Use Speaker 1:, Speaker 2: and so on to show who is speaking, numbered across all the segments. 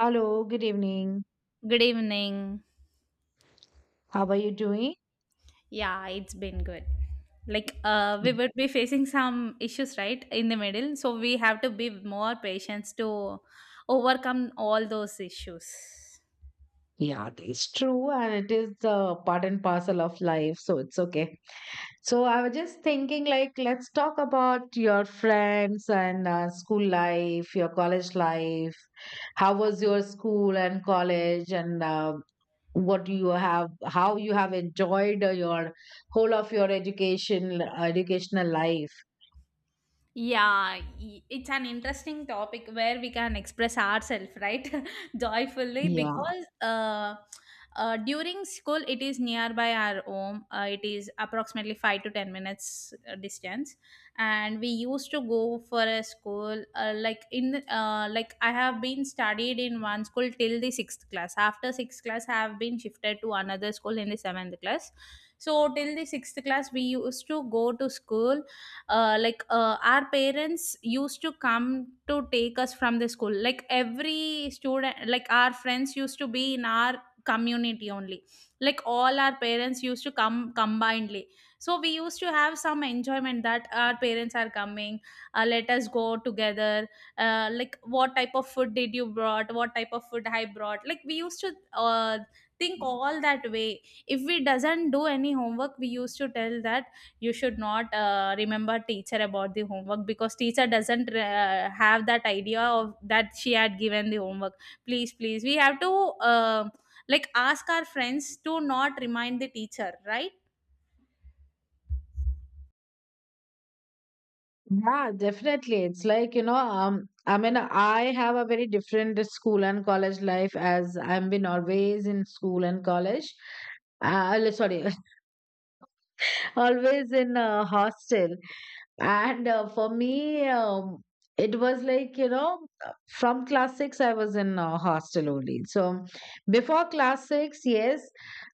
Speaker 1: Hello, good evening.
Speaker 2: Good evening.
Speaker 1: How are you doing?
Speaker 2: Yeah, it's been good. We would be facing some issues, right, in the middle. So we have to be more patient to overcome all those issues.
Speaker 1: Yeah, it's true, and it is part and parcel of life, so it's okay. So I was just thinking, like, let's talk about your friends and school life, your college life. How was your school and college, and how you have enjoyed your whole of your education, educational life?
Speaker 2: Yeah, it's an interesting topic where we can express ourselves, right? Joyfully,
Speaker 1: Yeah.
Speaker 2: because during school, it is nearby our home. It is approximately 5 to 10 minutes distance, and we used to go for a school. Like I have been studied in one school till the sixth class. After sixth class, I have been shifted to another school in the seventh class. So till the sixth class, we used to go to school, our parents used to come to take us from the school. Like every student, like our friends, used to be in our community only. Like all our parents used to come combinedly, so we used to have some enjoyment that our parents are coming. Let us go together. Like what type of food did you brought, what type of food I brought. Like we used to think all that way. If we doesn't do any homework, we used to tell that you should not remember teacher about the homework, because teacher doesn't have that idea of that she had given the homework. Please, please, we have to, uh, like, ask our friends to not remind the teacher, right?
Speaker 1: Yeah, definitely. It's like, you know, I mean, I have a very different school and college life as I've been always in school and college. Sorry, always in a hostel, and for me it was like, you know, from class 6 I was in a hostel only. So before class 6, yes,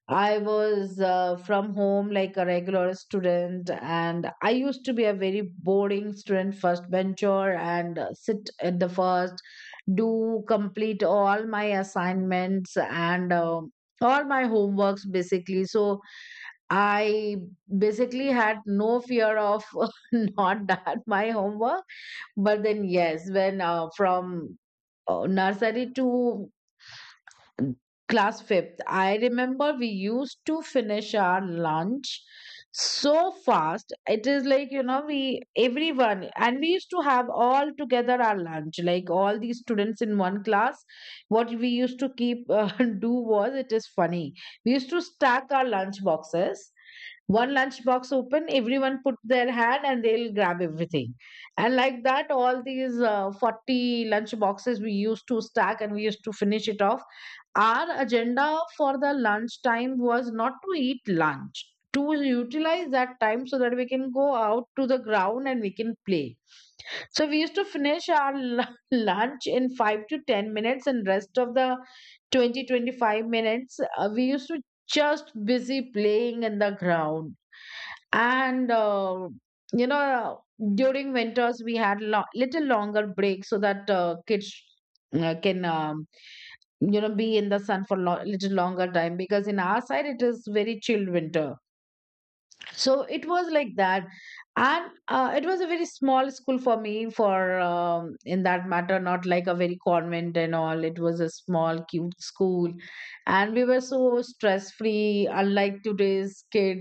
Speaker 1: I was from home, like a regular student. And I used to be a very boring student, first bencher, and sit at the first, do complete all my assignments and all my homeworks basically. So I basically had no fear of not done my homework. But then, yes, when from nursery to class fifth, I remember we used to finish our lunch so fast. It is like, you know, we everyone, and we used to have all together our lunch, like all these students in one class. What we used to keep do was, it is funny. We used to stack our lunch boxes, one lunch box open, everyone put their hand and they'll grab everything. And like that, all these 40 lunch boxes we used to stack and we used to finish it off. Our agenda for the lunch time was not to eat lunch, to utilize that time so that we can go out to the ground and we can play. So we used to finish our lunch in 5 to 10 minutes, and rest of the 20 to 25 minutes we used to just busy playing in the ground. And you know, during winters we had little longer break so that kids can you know, be in the sun for little longer time, because in our side it is very chill winter. So it was like that. And it was a very small school for me, for in that matter, not like a very convent and all. It was a small cute school, and we were so stress free, unlike today's kid.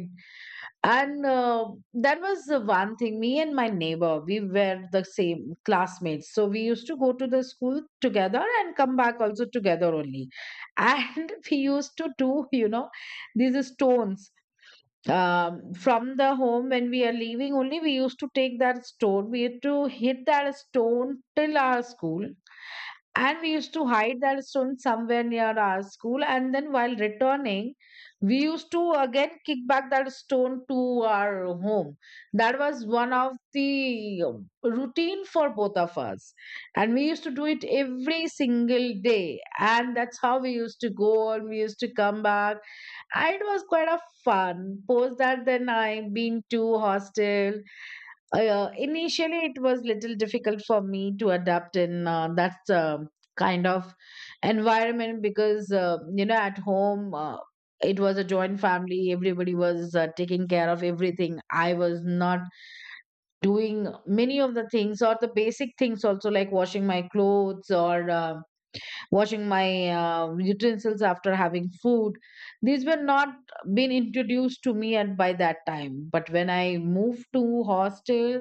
Speaker 1: And that was the one thing. Me and my neighbor, we were the same classmates, so we used to go to the school together and come back also together only. And we used to do, you know, these stones, from the home when we are leaving only, we used to take that stone, we used to hit that stone till our school, and we used to hide that stone somewhere near our school, and then while returning, we used to again kick back that stone to our home. That was one of the routine for both of us, and we used to do it every single day. And that's how we used to go and we used to come back. It was quite a fun. Post that, then I been to hostel. Initially, it was little difficult for me to adapt in that kind of environment, because you know, at home it was a joint family. Everybody was taking care of everything. I was not doing many of the things, or the basic things also, like washing my clothes, or washing my utensils after having food. These were not been introduced to me at by that time. But when I moved to hostel,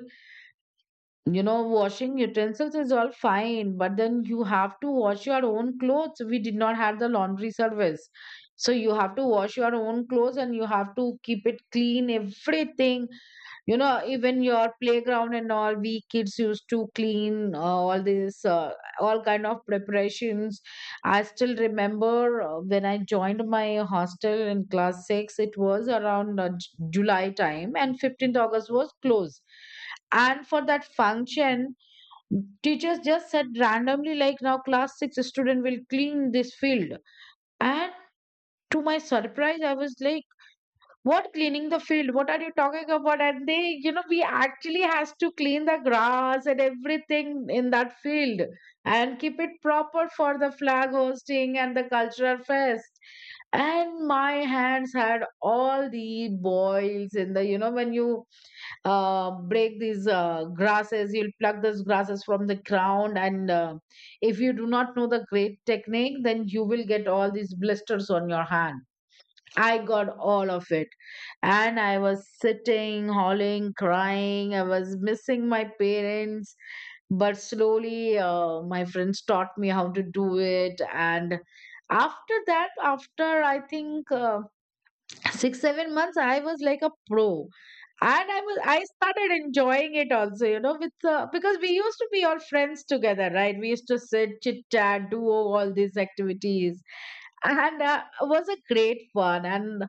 Speaker 1: you know, washing utensils is all fine, but then you have to wash your own clothes. We did not have the laundry service, so you have to wash your own clothes, and you have to keep it clean, everything. You know, even your playground and all, we kids used to clean all this all kind of preparations. I still remember when I joined my hostel in class 6, it was around july time, and 15th august was closed. And for that function, teachers just said randomly like, now class 6 student will clean this field. And to my surprise, I was like, what, cleaning the field? What are you talking about? And they, you know, we actually has to clean the grass and everything in that field, and keep it proper for the flag hosting and the cultural fest. And my hands had all the boils in the, you know, when you break these grasses, you'll pluck those grasses from the ground. And if you do not know the great technique, then you will get all these blisters on your hand. I got all of it. And I was sitting, howling, crying. I was missing my parents. But slowly, my friends taught me how to do it. And after that, after I think, 6 to 7 months I was like a pro. And I started enjoying it also, you know, with because we used to be all friends together, right, we used to sit, chit chat, do all these activities. And it was a great fun. And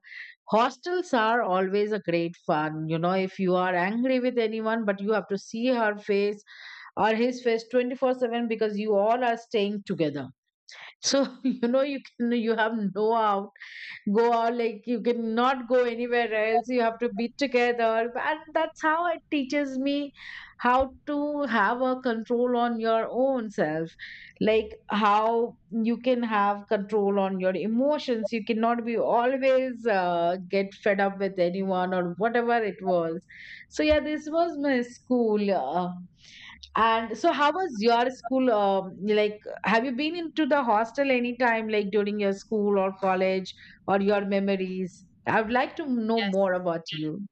Speaker 1: hostels are always a great fun, you know. If you are angry with anyone, but you have to see her face or his face 24/7, because you all are staying together. So you know, you can, you have no out go out, like you cannot go anywhere else, you have to be together. And that's how it teaches me how to have a control on your own self. Like how you can have control on your emotions, you cannot be always get fed up with anyone, or whatever it was. So yeah, this was my school, and so, how was your school? Like, have you been into the hostel anytime, like during your school or college, or your memories? I would like to know
Speaker 2: yes
Speaker 1: more about you.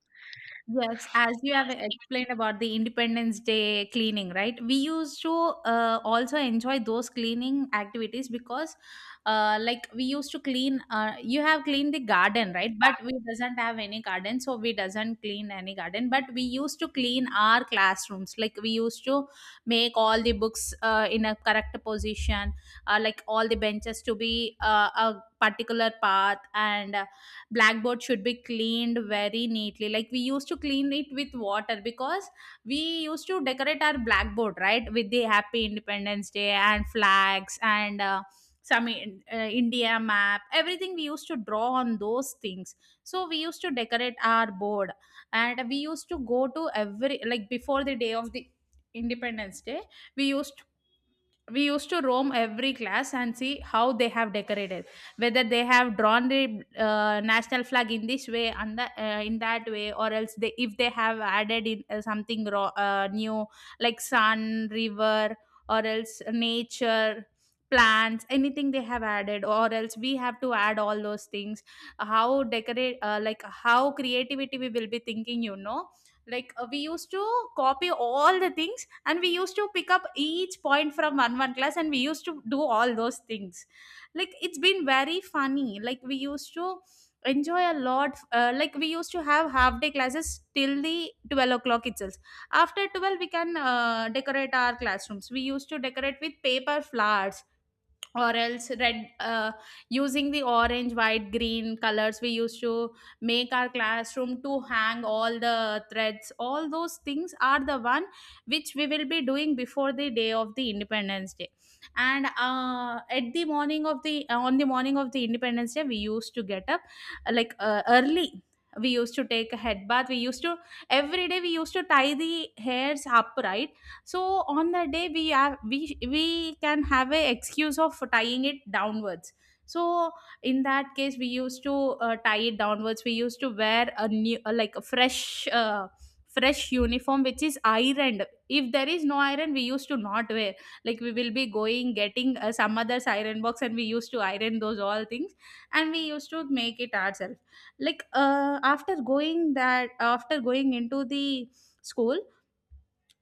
Speaker 2: Yes, as you have explained about the Independence Day cleaning, right? We used to also enjoy those cleaning activities, because, we used to clean. You have cleaned the garden, right? But we doesn't have any garden, so we doesn't clean any garden. But we used to clean our classrooms. Like we used to make all the books in a correct position, like all the benches to be a particular path, and blackboard should be cleaned very neatly. Like we used to clean it with water, because we used to decorate our blackboard, right, with the happy Independence Day and flags and, India map, everything we used to draw on those things. So we used to decorate our board, and we used to go to every, like, before the day of the Independence Day. we used we used to roam every class and see how they have decorated, whether they have drawn the national flag in this way and in that way, or else they, if they have added in something raw, new, like sun, river, or else nature, plants, anything they have added, or else we have to add all those things. How decorate, like, how creativity we will be thinking, you know. Like we used to copy all the things, and we used to pick up each point from one class, and we used to do all those things. Like, it's been very funny. Like we used to enjoy a lot. Like we used to have half day classes till the 12 o'clock itself. After 12 we can decorate our classrooms. We used to decorate with paper flowers, or else red using the orange, white, green colors, we used to make our classroom, to hang all the threads. All those things are the one which we will be doing before the day of the Independence Day. And uh, at the morning of the uh, on the morning of the Independence Day, we used to get up, early. We used to take a head bath. We used to, every day, we used to tie the hairs upright. So on that day, we can have a excuse of tying it downwards. So in that case, we used to tie it downwards. We used to wear a new, like a fresh, fresh uniform which is ironed. If there is no iron, we used to not wear. Like we will be going, getting some other's iron box, and we used to iron those all things, and we used to make it ourselves. Like after going into the school,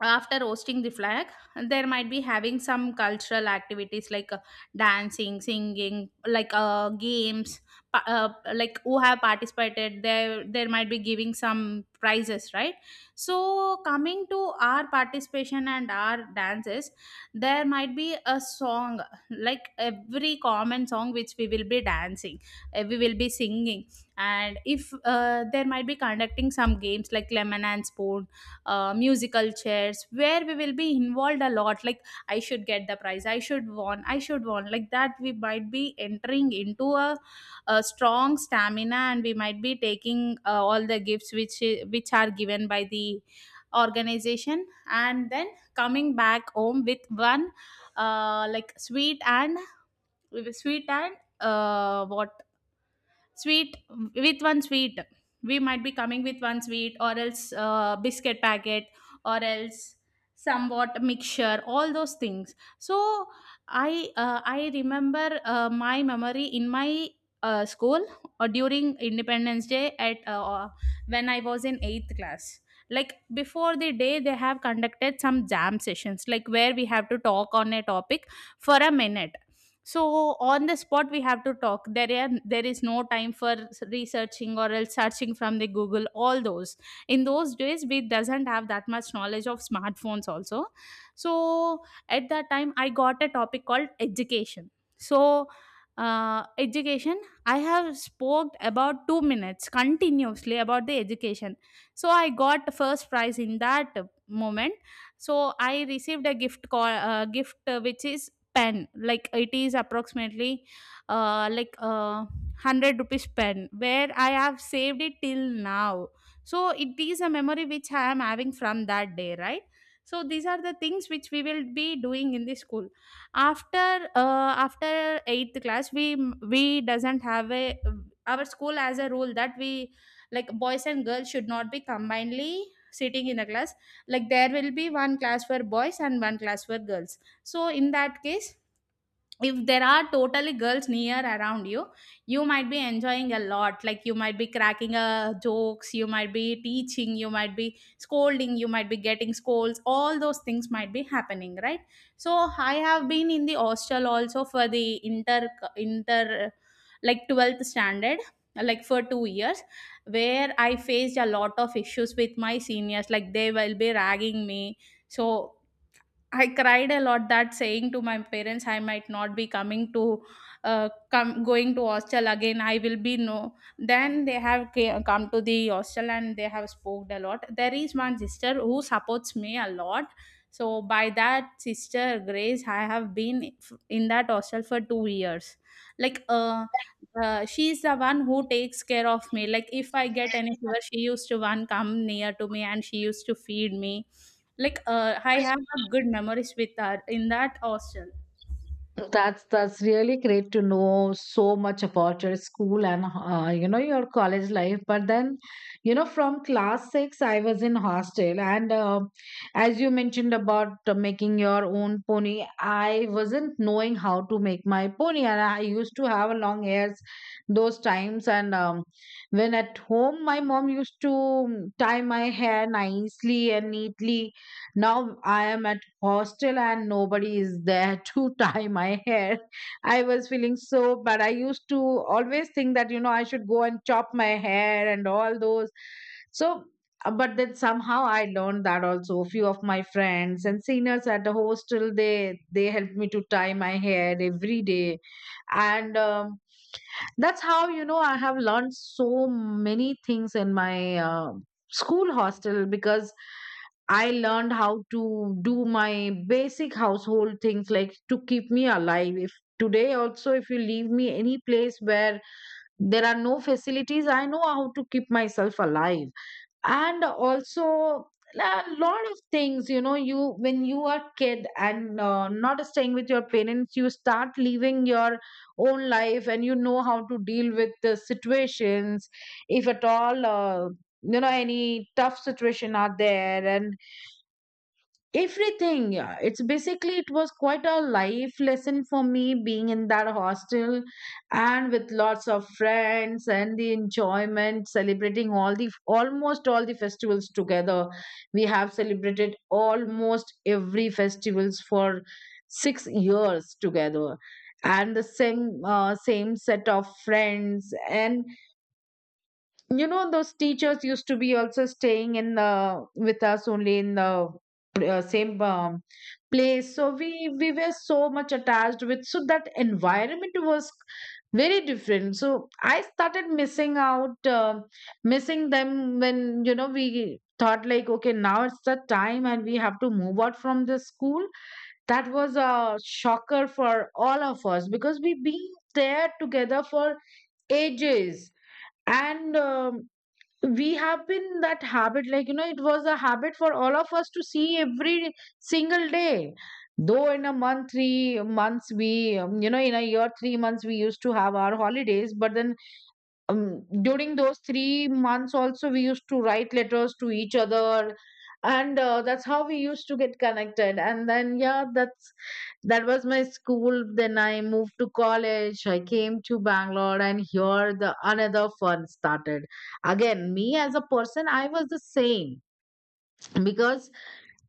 Speaker 2: after roasting the flag, there might be having some cultural activities like, dancing, singing, like, games pa- uh, like who have participated there, there might be giving some prizes, right? So coming to our participation and our dances, there might be a song, like every common song which we will be dancing, we will be singing. And if there might be conducting some games like lemon and spoon, musical chairs, where we will be involved a lot. Like, I should get the prize, I should won, I should won, like that. We might be entering into a strong stamina, and we might be taking all the gifts which are given by the organization, and then coming back home with one, like sweet and with a sweet, and what sweet with one sweet we might be coming with one sweet, or else biscuit packet, or else somewhat mixture, all those things. So I remember my memory in my school, or during Independence Day, at when I was in 8th class. Like before the day, they have conducted some jam sessions, like where we have to talk on a topic for a minute. So on the spot we have to talk. There is no time for researching or else searching from the Google, all those. In those days, we doesn't have that much knowledge of smartphones also. So at that time, I got a topic called education. So, education, I have spoke about 2 minutes continuously about the education. So I got the first prize in that moment. So I received a gift, which is pen. Like it is approximately, uh, like uh, 100 rupees pen, where I have saved it till now. So it is a memory which I am having from that day, right? So these are the things which we will be doing in the school. After after 8th class, we doesn't have a, our school has a rule that we, like boys and girls, should not be combinedly sitting in a class. Like there will be one class for boys and one class for girls. So, in that case, if there are totally girls near around you, you might be enjoying a lot. Like you might be cracking a jokes, you might be teaching, you might be scolding, you might be getting scolds. All those things might be happening, right? So I have been in the hostel also for the inter like 12th standard, like for 2 years, where I faced a lot of issues with my seniors. Like they will be ragging me. So I cried a lot, that saying to my parents, I might not be coming to, come going to hostel again. I will be no. Then they have come to the hostel, and they have spoke a lot. There is one sister who supports me a lot. So by that sister Grace, I have been in that hostel for 2 years. Like uh, she is the one who takes care of me. Like if I get any fever, she used to one come near to me and she used to feed me. I have a good memories with that in that hostel.
Speaker 1: That's really great to know so much about your school and you know, your college life. But then, you know, from class six, I was in hostel. And as you mentioned about making your own pony, I wasn't knowing how to make my pony, and I used to have long hairs those times. And when at home, my mom used to tie my hair nicely and neatly. Now I am at hostel and nobody is there to tie my hair. I was feeling so bad. I used to always think that, you know, I should go and chop my hair and all those. So, but then somehow I learned that also. A few of my friends and seniors at the hostel, they helped me to tie my hair every day. And that's how, you know, I have learned so many things in my school hostel, because I learned how to do my basic household things, like to keep me alive. If today also, if you leave me any place where there are no facilities, I know how to keep myself alive. And also a lot of things, you know, you when you are kid and not staying with your parents, you start living your own life, and you know how to deal with the situations if at all you know, any tough situation are there and everything. Yeah, it's basically, it was quite a life lesson for me being in that hostel, and with lots of friends and the enjoyment, celebrating all the almost all the festivals together. We have celebrated almost every festivals for 6 years together. And the same same set of friends. And you know, those teachers used to be also staying in the with us only in the same place. So we were so much attached with, so that environment was very different. So I started missing out missing them, when you know, we thought like, okay, now it's the time and we have to move out from the school. That was a shocker for all of us, because we been there together for ages. And we have been that habit, like, you know, it was a habit for all of us to see every single day, though in a month three months we you know, in a year, 3 months we used to have our holidays. But then during those 3 months also, we used to write letters to each other. And that's how we used to get connected. And then yeah, that was my school. Then I moved to college, I came to bangalore, and here the another fun started. Again, me as a person, I was the same. Because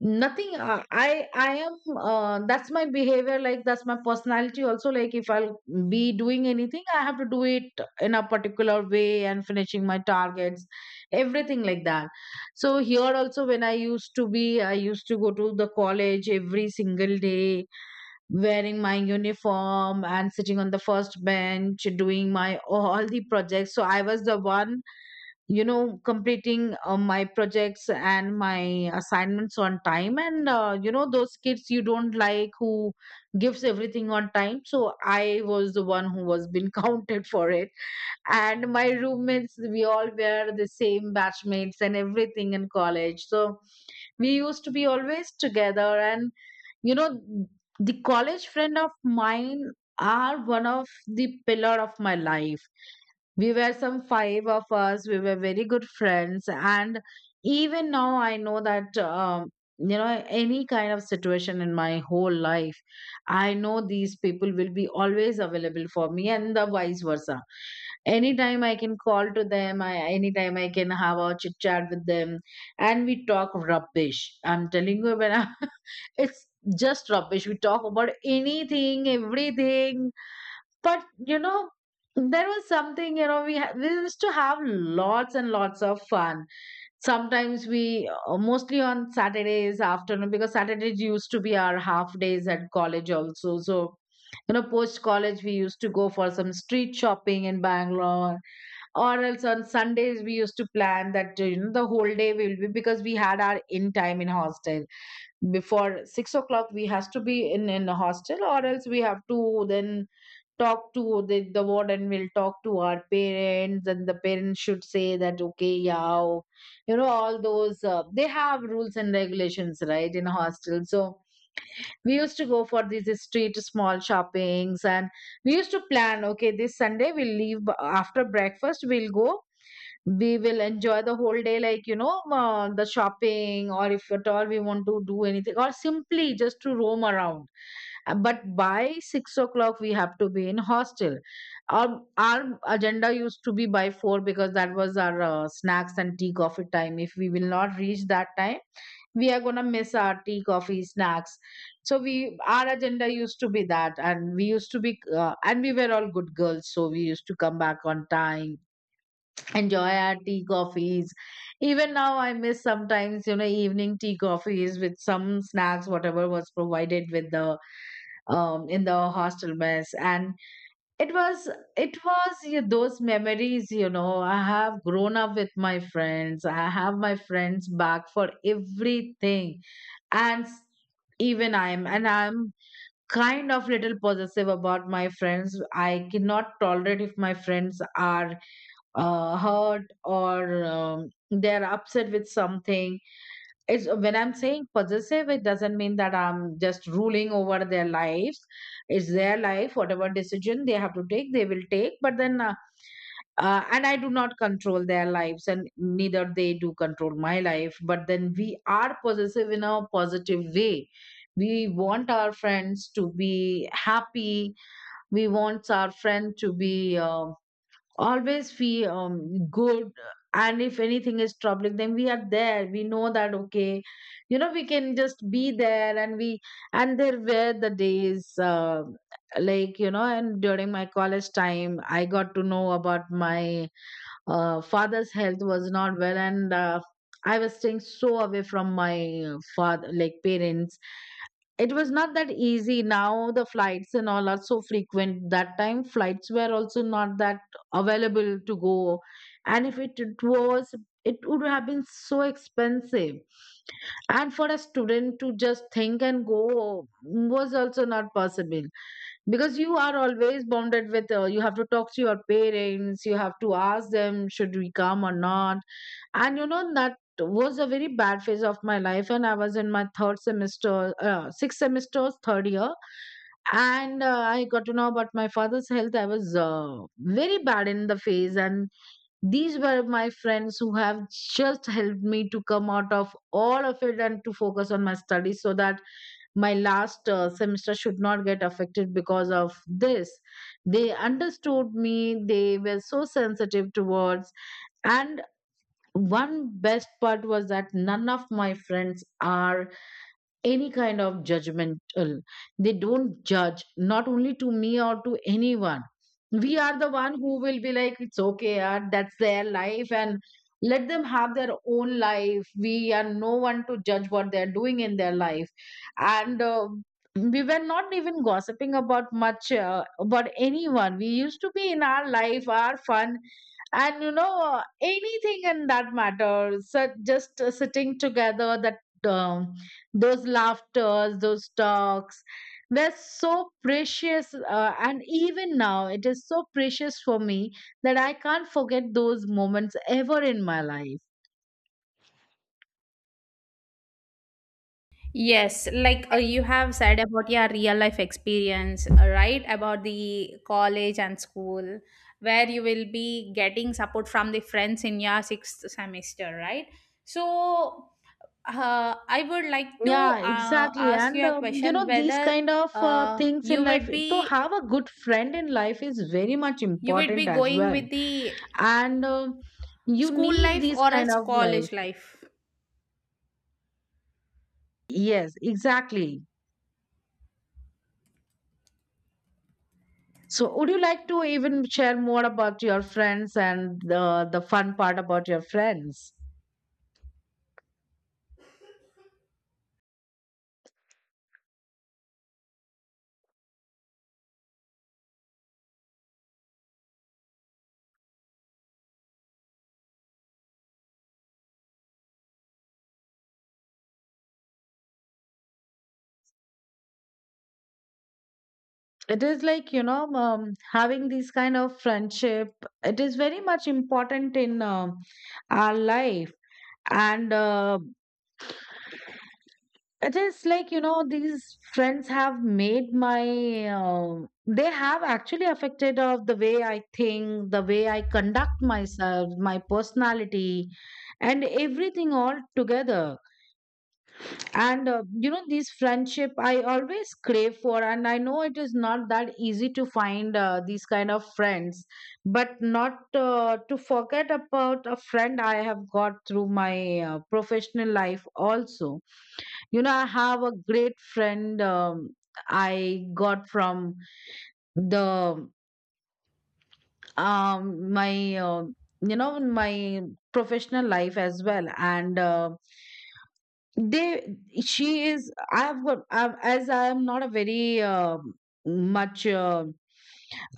Speaker 1: nothing, I am that's my behavior, like that's my personality also. Like if I'll be doing anything, I have to do it in a particular way and finishing my targets, everything like that. So here also when I used to go to the college every single day wearing my uniform and sitting on the first bench doing my all the projects. So I was the one, you know, completing my projects and my assignments on time. And you know, those kids you don't like who gives everything on time, so I was the one who was being counted for it. And my roommates, we all were the same batchmates and everything in college, so we used to be always together. And you know, the college friend of mine are one of the pillar of my life. We were some five of us. We were very good friends. And even now, I know that, you know, any kind of situation in my whole life, I know these people will be always available for me and the vice versa. Anytime I can call to them, anytime I can have a chit chat with them. And we talk rubbish. I'm telling you, when I, it's just rubbish. We talk about anything, everything. But you know, there was something. You know, we used to have lots and lots of fun. Sometimes we, mostly on Saturdays afternoon, because Saturdays used to be our half days at college also. So you know, post college we used to go for some street shopping in Bangalore, or else on Sundays we used to plan that, you know, the whole day we will be, because we had our in time in hostel. Before 6 o'clock we has to be in the hostel, or else we have to then talk to the warden will talk to our parents, and the parents should say that okay, yeah, oh," you know, all those they have rules and regulations, right, in a hostel. So we used to go for these street small shoppings. And we used to plan, okay, this Sunday we'll leave after breakfast we'll go, we will enjoy the whole day, like, you know, the shopping, or if at all we want to do anything, or simply just to roam around. But by 6 o'clock we have to be in hostel. Our agenda used to be by four, because that was our snacks and tea coffee time. If we will not reach that time, we are gonna miss our tea coffee snacks. So we, our agenda used to be that. And we used to be and we were all good girls, so we used to come back on time, enjoy our tea coffees. Even now I miss sometimes, you know, evening tea coffees with some snacks whatever was provided with the, in the hostel mess. And it was, it was, yeah, those memories. You know, I have grown up with my friends, I have my friends back for everything. and s- Even I'm kind of little possessive about my friends. I cannot tolerate if my friends are hurt or they're upset with something. It's, when I'm saying possessive, it doesn't mean that I'm just ruling over their lives. It's their life, whatever decision they have to take they will take. But then and I do not control their lives and neither they do control my life, but then we are possessive in a positive way. We want our friends to be happy. We want our friend to be um, always feel good. And if anything is troubling, then we are there, we know that okay, you know, we can just be there. And we, and there were the days, like you know, and during my college time I got to know about my father's health was not well. And I was staying so away from my father, like parents. It was not that easy, now the flights and all are so frequent, that time flights were also not that available to go. And if it was, it would have been so expensive. And for a student to just think and go was also not possible, because you are always bounded with, you have to talk to your parents, you have to ask them should we come or not. And you know, that was a very bad phase of my life. And I was in my third semester, sixth semester's third year. And I got to know about my father's health. I was very bad in the phase. And these were my friends who have just helped me to come out of all of it and to focus on my studies, so that my last semester should not get affected because of this. They understood me, they were so sensitive towards. And one best part was that none of my friends are any kind of judgmental. They don't judge, not only to me or to anyone. We are the one who will be like, it's okay yaar, that's their life. And let them have their own life, we are no one to judge what they're doing in their life. And We were not even gossiping about much about anyone. We used to be in our life, our fun. And you know, anything in that matter. So just sitting together, that um, those laughters, those talks were so precious. And even now, it is so precious for me that I can't forget those moments ever in my life.
Speaker 2: Yes, like, you have said about your real life experience, right? About the college and school, where you will be getting support from the friends in your sixth semester, right? So, I would like to
Speaker 1: Yeah, exactly.
Speaker 2: ask
Speaker 1: And
Speaker 2: you a
Speaker 1: you
Speaker 2: question:
Speaker 1: know, these
Speaker 2: whether
Speaker 1: kind of
Speaker 2: uh,
Speaker 1: things in
Speaker 2: you
Speaker 1: life,
Speaker 2: would
Speaker 1: to
Speaker 2: be
Speaker 1: have a good friend in life is very much
Speaker 2: you would be
Speaker 1: important as
Speaker 2: going
Speaker 1: well.
Speaker 2: with the
Speaker 1: And um, you
Speaker 2: school
Speaker 1: need
Speaker 2: life
Speaker 1: these
Speaker 2: or
Speaker 1: kind
Speaker 2: else
Speaker 1: of, like,
Speaker 2: college life?
Speaker 1: yes, exactly. So would you like to even share more about your friends and the fun part about your friends? It is like, you know, having these kind of friendship. It is very much important in um, our life. And it is like you know, these friends have made my. They have actually affected of the way I think, the way I conduct myself, my personality, and everything all together. And you know, these friendship I always crave for, and I know it is not that easy to find these kind of friends. But not to forget about a friend I have got through my professional life also. You know, I have a great friend, I got from the, um, my, you know, my professional life as well. And they, she is, as I am not a very um, much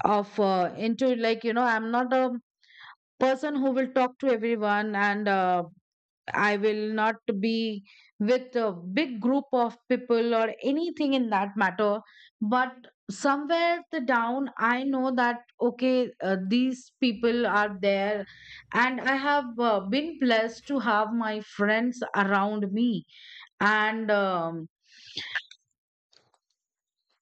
Speaker 1: of into, like you know, I'm not a person who will talk to everyone. And I will not be with a big group of people or anything in that matter. But somewhere the down, I know that, okay, these people are there. And I have been blessed to have my friends around me. And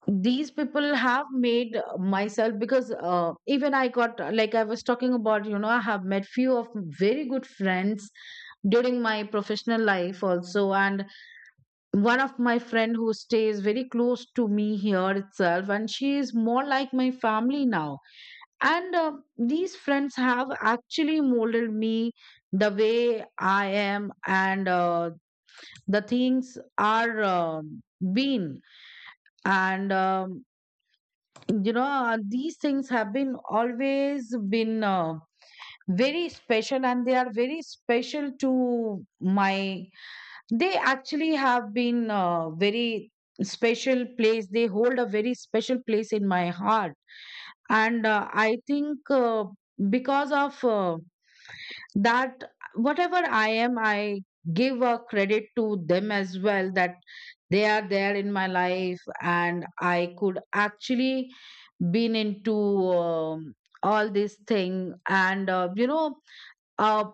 Speaker 1: these people have made myself, because even I got, like I was talking about, you know, I have met few of very good friends during my professional life also. And one of my friend who stays very close to me here itself, and she is more like my family now. And these friends have actually molded me the way I am. And the things are um, been. And you know, these things have been always been very special, and they are very special to my, they actually have been very special place, they hold a very special place in my heart. And I think because of that, whatever I am, I give a credit to them as well, that they are there in my life, and I could actually been into all this thing. And you know, uh,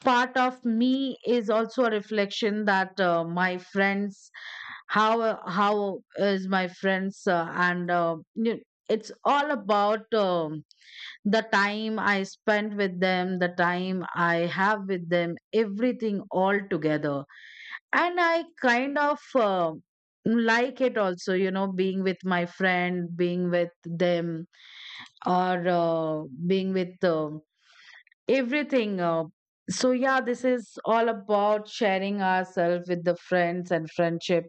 Speaker 1: part of me is also a reflection that my friends, how is my friends, and you- it's all about the time I spent with them, the time I have with them, everything all together. And I kind of like it also, you know, being with my friend, being with them, or being with um, everything. So yeah, this is all about sharing ourselves with the friends and friendship.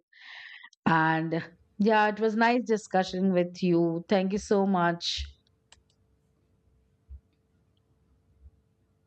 Speaker 1: And yeah, it was nice discussion with you. Thank you so much.